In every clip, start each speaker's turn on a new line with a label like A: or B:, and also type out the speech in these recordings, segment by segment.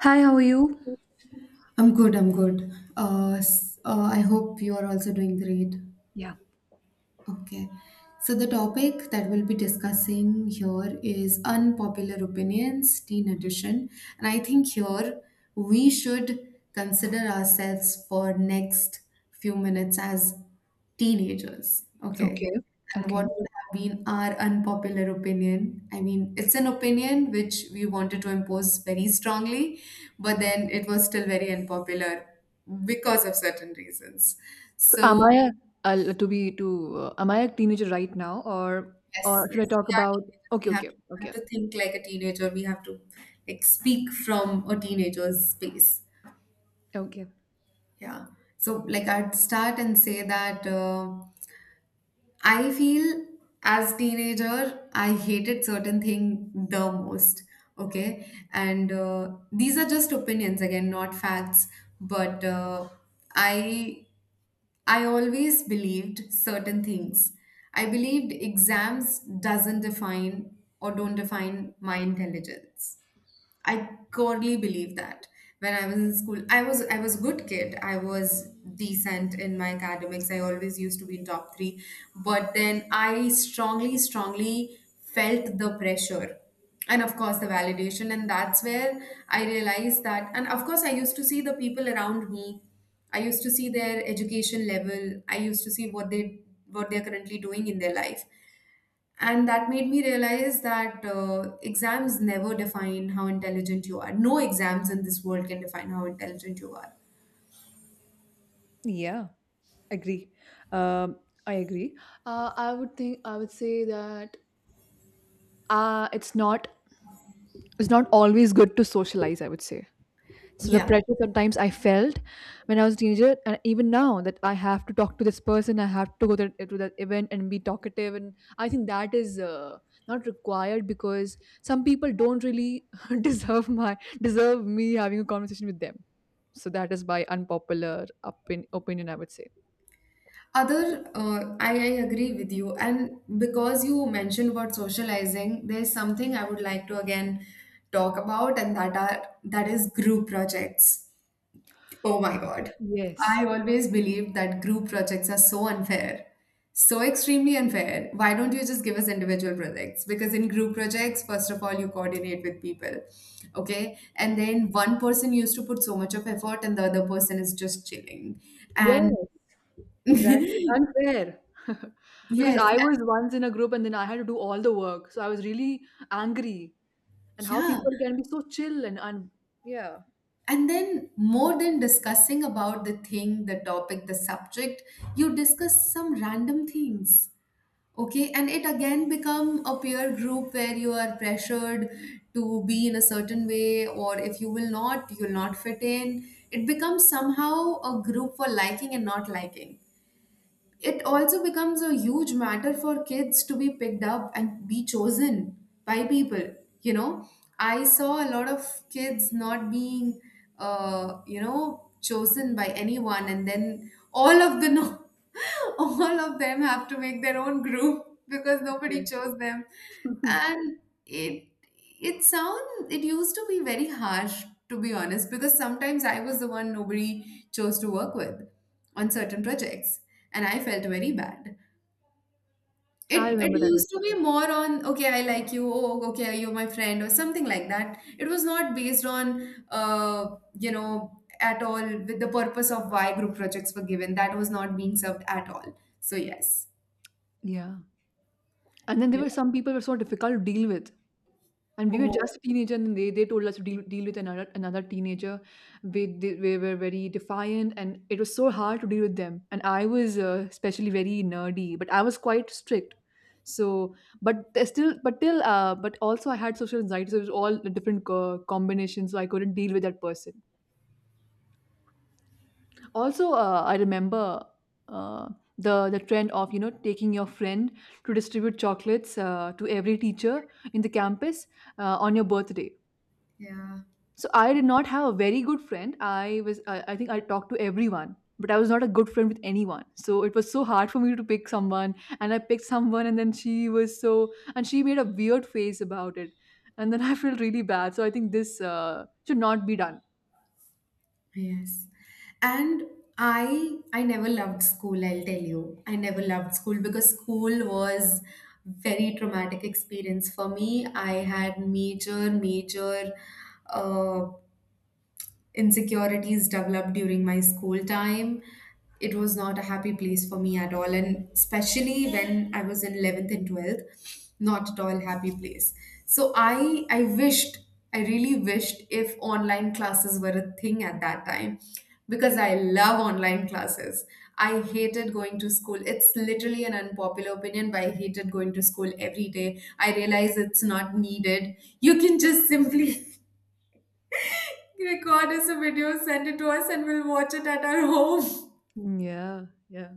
A: Hi, how are you?
B: I'm good, I'm good. I hope you are also doing great.
A: Yeah.
B: Okay. So the topic that we'll be discussing here is unpopular opinions, teen edition. And I think here we should consider ourselves for next few minutes as teenagers.
A: Okay.
B: Okay. And
A: Okay.
B: what would have been our unpopular opinion? I mean, it's an opinion which we wanted to impose very strongly, but then it was still very unpopular because of certain reasons.
A: So am
B: So
A: I a, to be to am I a teenager right now,
B: yes,
A: or should I
B: yes,
A: talk
B: we are
A: about?
B: teenagers.
A: okay
B: We have
A: okay
B: to, we
A: okay
B: have to think like a teenager. We have to like speak from a teenager's space.
A: okay
B: Yeah. So like I'd start and say that I feel as teenager I hated certain thing the most. Okay, and these are just opinions again, not facts. But uh, I I always believed certain things. I believed exams doesn't define or don't define my intelligence. I godly believe that. When I was in school, I was a good kid. I was decent in my academics. I always used to be in top three. But then I strongly, strongly felt the pressure, and of course the validation. And that's where I realized that, and of course I used to see the people around me. I used to see their education level. I used to see what they what they're currently doing in their life. And that made me realize that exams never define how intelligent you are. No exams in this world can define how intelligent you are.
A: Yeah, agree. um I agree. I would say that it's not always good to socialize, I would say. So the
B: Yeah.
A: pressure sometimes I felt when I was a teenager, and even now, that I have to talk to this person, I have to go to that event and be talkative. And I think that is not required, because some people don't really deserve my deserve me having a conversation with them. So that is my opinion, I would say.
B: Other, I agree with you. And because you mentioned about socializing, there's something I would like to again talk about, and that is group projects. Oh my God.
A: Yes.
B: I always believed that group projects are so unfair. So extremely unfair. Why don't you just give us individual projects? Because in group projects, first of all, you coordinate with people. Okay. And then one person used to put so much of effort and the other person is just chilling.
A: Yes.
B: And
A: Exactly. Unfair. Because
B: yes.
A: I was
B: And
A: once in a group and then I had to do all the work. So I was really angry. And how
B: yeah.
A: people can be so chill and, un— yeah.
B: And then more than discussing about the thing, the topic, the subject, you discuss some random things. Okay, and it again become a peer group where you are pressured to be in a certain way, or if you will not, you will not fit in. It becomes somehow a group for liking and not liking. It also becomes a huge matter for kids to be picked up and be chosen by people, you know, I saw a lot of kids not being, you know, chosen by anyone, and then all of the no all of them have to make their own group because
A: Yeah.
B: nobody chose them. And it it used to be very harsh, to be honest, because sometimes I was the one nobody chose to work with on certain projects, and I felt very bad.
A: I
B: It
A: remember that.
B: used to be more on, okay, I like you, oh okay, you're my friend or something like that. It was not based on, you know, at all with the purpose of why group projects were given. That was not being served at all. So yes,
A: Yeah. And then there were some people who were so difficult to deal with. And we were just teenagers, and they told us to deal with another teenager. We were very defiant, and it was so hard to deal with them. And I was especially very nerdy, but I was quite strict. So, but there's still, but till, but also I had social anxiety, so it was all different combinations. So I couldn't deal with that person. Also, I remember uh, the trend of, you know, taking your friend to distribute chocolates to every teacher in the campus on your birthday.
B: yeah,
A: So I did not have a very good friend. I think I talked to everyone, but I was not a good friend with anyone. So it was so hard for me to pick someone, and I picked someone, and then she was so— and she made a weird face about it. And then I felt really bad. So I think this should not be done.
B: yes, and. I never loved school, I'll tell you. I never loved school because school was very traumatic experience for me. I had major, major uh. insecurities developed during my school time. It was not a happy place for me at all, and especially when I was in 11th and 12th, not at all happy place. So I wished, I really wished if online classes were a thing at that time because I love online classes. I hated going to school. It's literally an unpopular opinion, but I hated going to school every day. I realize it's not needed. You can just simply record us a video, send it to us, and we'll watch it at our home.
A: Yeah, yeah.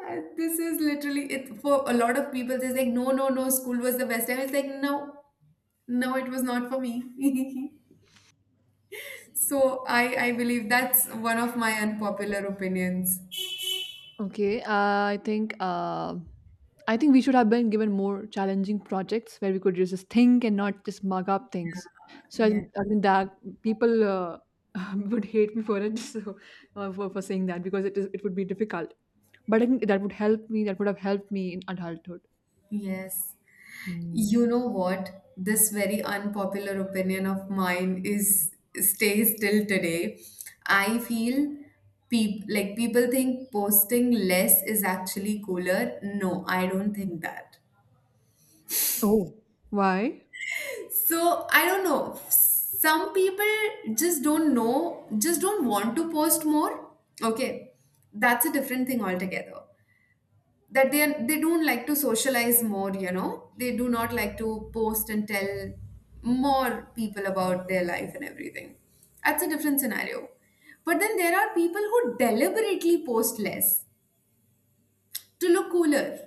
B: This is literally it for a lot of people. They're like, no, no, no, school was the best time. It's like, no, no, it was not for me. So I believe that's one of my unpopular opinions.
A: Okay, I think we should have been given more challenging projects where we could just think and not just mug up things. So I,
B: Yeah.
A: think- I think that people would hate me for it, so for saying that, because it would be difficult. But I think that would help me. That would have helped me in adulthood.
B: Yes.
A: Hmm.
B: You know what? This very unpopular opinion of mine is stays till today. I feel people think posting less is actually cooler. No, I don't think that.
A: Oh. Why?
B: So I don't know. Some people just don't know, just don't want to post more. Okay, that's a different thing altogether. That they are, they don't like to socialize more, you know, they do not like to post and tell more people about their life and everything. That's a different scenario, but then there are people who deliberately post less to look cooler.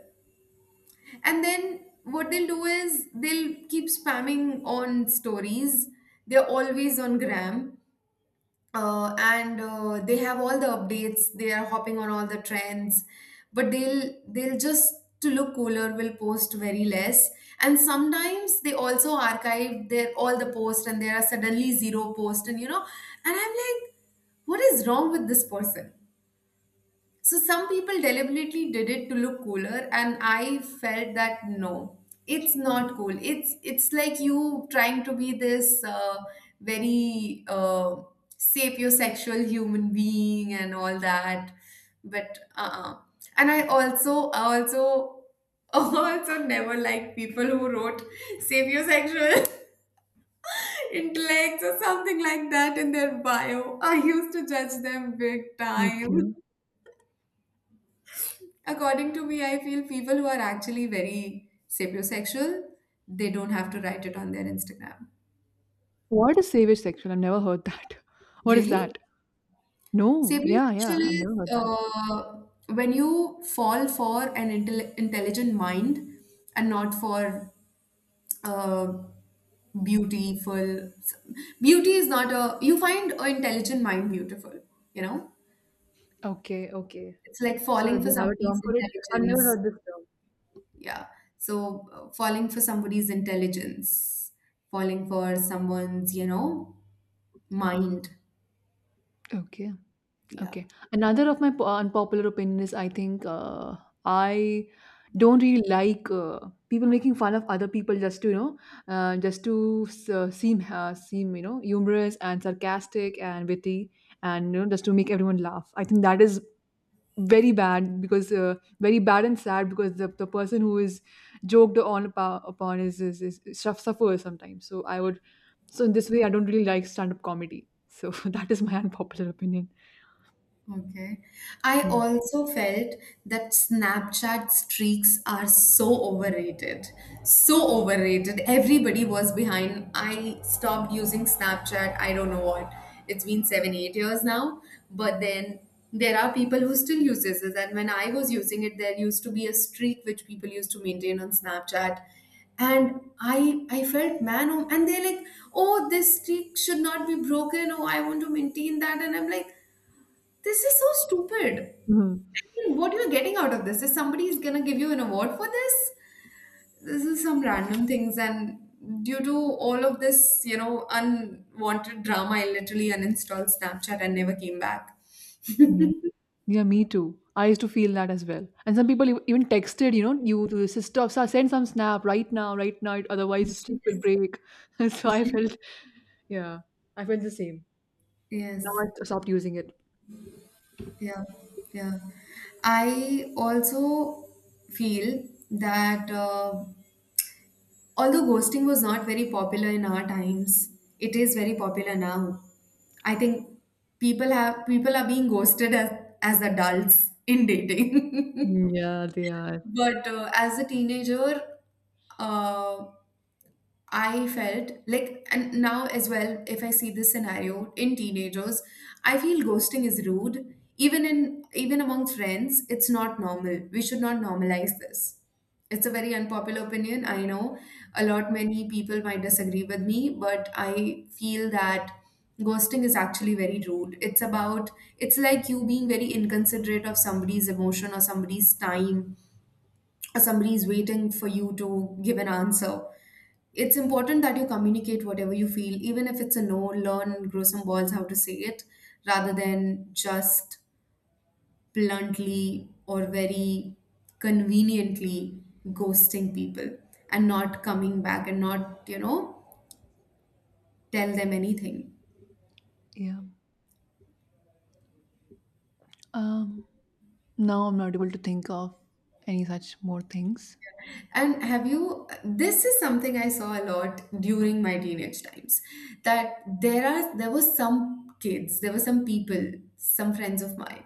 B: And then what they'll do is they'll keep spamming on stories. They're always on gram, and they have all the updates, they are hopping on all the trends, but they'll just to look cooler will post very less. And sometimes they also archive their all the posts and there are suddenly zero posts and you know, and I'm like, what is wrong with this person. So some people deliberately did it to look cooler, and I felt that no, it's not cool. It's like you trying to be this very sapiosexual human being and all that, but uh-uh. And I also also never liked people who wrote sapiosexual intellects or something like that in their bio. I used to judge them big time.
A: Okay.
B: According to me, I feel people who are actually very sapiosexual, they don't have to write it on their Instagram.
A: What is Savage Sexual? I've never heard that. What is
B: Really?
A: that? No. Yeah, yeah.
B: Sapiosexual
A: I've
B: is
A: never heard that.
B: uh, when you fall for an intelligent mind and not for uh, beautiful. Beauty is not a. You find an intelligent mind beautiful, you know?
A: Okay, okay.
B: It's like
A: So they
B: falling for
A: have a
B: somebody's
A: term for it. I've never
B: intelligence.
A: heard this
B: Yeah. So falling for somebody's intelligence, falling for someone's, you know, mind.
A: term. Okay.
B: Yeah.
A: Okay. Another of my unpopular opinion is, I think I don't really like people making fun of other people just to, you know, seem, you know, humorous and sarcastic and witty, and, you know, just to make everyone laugh. I think that is very bad, because very bad and sad, because the person who is upon suffers sometimes. So I would so in this way, I don't really like stand up comedy. So that is my unpopular opinion.
B: Okay. I
A: Hmm.
B: also felt that Snapchat streaks are so overrated. So overrated. Everybody was behind. I stopped using Snapchat. I don't know what. It's been 7, 8 years now. But then there are people who still uses it. And when I was using it, there used to be a streak which people used to maintain on Snapchat. And I felt man, oh, and they're like, oh, this streak should not be broken. Oh, I want to maintain that. And I'm like, this is so stupid.
A: Mhm.
B: I mean, what you're getting out of this is somebody is gonna give you an award for this. This is some random things, and due to all of this, you know, unwanted drama, I literally uninstalled Snapchat and never came back.
A: Yeah. Yeah, me too. I used to feel that as well. And some people even texted, you know, you to your sister, "Sir, send some snap right now, right now, otherwise the stick will
B: Yes.
A: break." So I
B: Yes.
A: felt, yeah, I felt the same. Now
B: Yes.
A: I stopped using it.
B: Yeah. Yeah. I also feel that although ghosting was not very popular in our times, it is very popular now. I think people are being ghosted as adults in dating.
A: Yeah, they are.
B: But as a teenager, uh, I felt like, and now as well, if I see this scenario in teenagers, I feel ghosting is rude. Even among friends, it's not normal. We should not normalize this. It's a very unpopular opinion. I know a lot many people might disagree with me, but I feel that ghosting is actually very rude. It's about, it's like you being very inconsiderate of somebody's emotion or somebody's time or somebody's waiting for you to give an answer. It's important that you communicate whatever you feel, even if it's a no. Learn, grow some balls how to say it, rather than just bluntly or very conveniently ghosting people and not coming back and not, you know, tell them anything.
A: Yeah. Um. Now I'm not able to think of any such more things.
B: And have you, this is something I saw a lot during my teenage times, that there were some kids, there were some people, some friends of mine,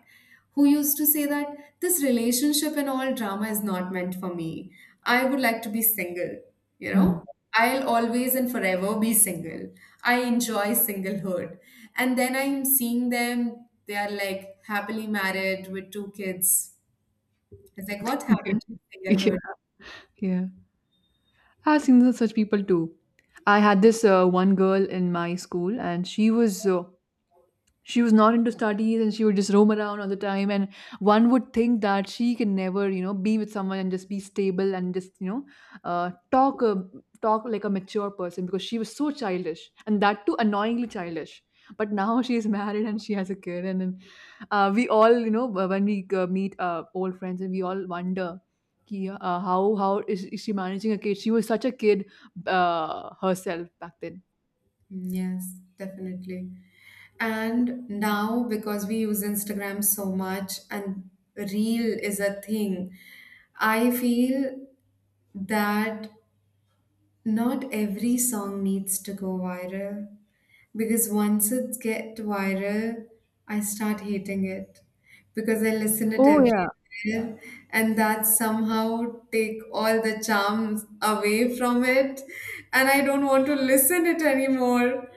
B: who used to say that this relationship and all drama is not meant for me. I would like to be single, you
A: Hmm.
B: know? I'll always and forever be single. I enjoy singlehood. And then I'm seeing them, they are like happily married with 2 kids. It's like, what happened to
A: Yeah.
B: singlehood?
A: Yeah. I've seen such people too. I had this one girl in my school, and she was not into studies and she would just roam around all the time. And one would think that she can never, you know, be with someone and just be stable and just, you know, uh, talk a, talk like a mature person, because she was so childish, and that too annoyingly childish. But now she is married and she has a kid, and then we all, you know, when we meet old friends, and we all wonder ki, how is she managing a kid? She was such a kid herself back then.
B: Yes, definitely. And now, because we use Instagram so much and Reel is a thing, I feel that not every song needs to go viral, because once it get viral, I start hating it because I listen it
A: Oh yeah.
B: everywhere, and that somehow take all the charms away from it and I don't want to listen it anymore.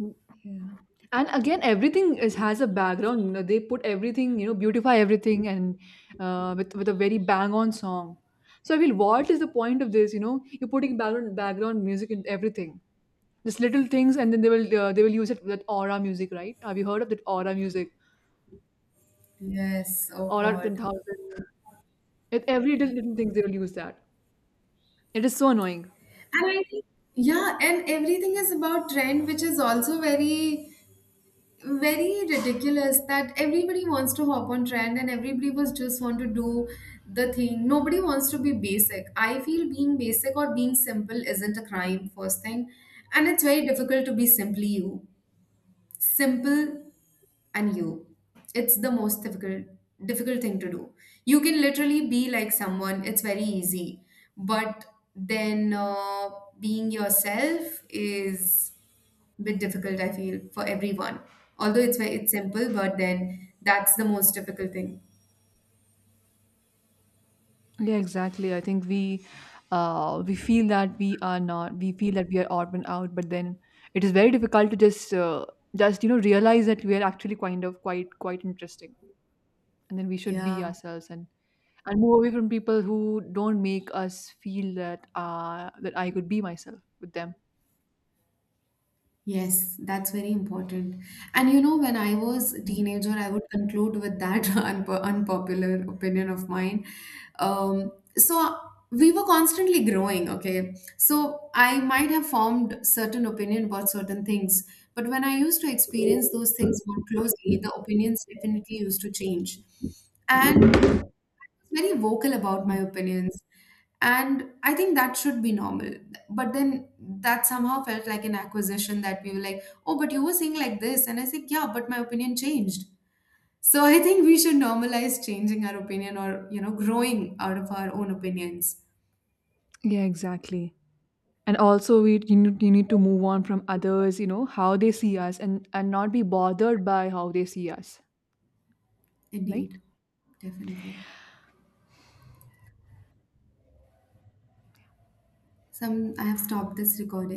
A: Mm. Yeah. And again, everything is has a background. You know, they put everything, you know, beautify everything, and with a very bang on song. So I feel, what is the point of this? You know, you're putting background music in everything. Just little things, and then they will use it with aura music, right? Have you heard of that aura music?
B: Yes, oh
A: Aura ten
B: God.
A: thousand. At every little, little things they will use that. It is so annoying.
B: And I think, yeah, and everything is about trend, which is also very, very ridiculous, that everybody wants to hop on trend and everybody was just want to do the thing. Nobody wants to be basic. I feel being basic or being simple isn't a crime, first thing. And it's very difficult to be simply you. Simple and you. It's the most difficult thing to do. You can literally be like someone. It's very easy, but then being yourself is a bit difficult. I feel for everyone. Although it's it's simple, but then that's the most difficult thing.
A: Yeah, exactly. I think we feel that we are not— we feel that we are odd and out, but then it is very difficult to just you know, realize that we are actually kind of quite interesting, and then we should be
B: Yeah.
A: ourselves and move away from people who don't make us feel that I could be myself with them.
B: Yes, that's very important. And you know, when I was a teenager, I would conclude with that unpopular opinion of mine. Um, so we were constantly growing, okay? So I might have formed certain opinion about certain things, but when I used to experience those things more closely, the opinions definitely used to change. And very vocal about my
A: Mm.
B: opinions, and I think that should be normal. But then that somehow felt like an acquisition that we were like, oh, but you were saying like this, and I said, yeah, but my opinion changed. So I think we should normalize changing our opinion or, you know, growing out of our own opinions.
A: Yeah, exactly. And also, we— you need to move on from others, you know, how they see us, and not be bothered by how they see us, right?
B: Indeed. Definitely. Some I have stopped this recording.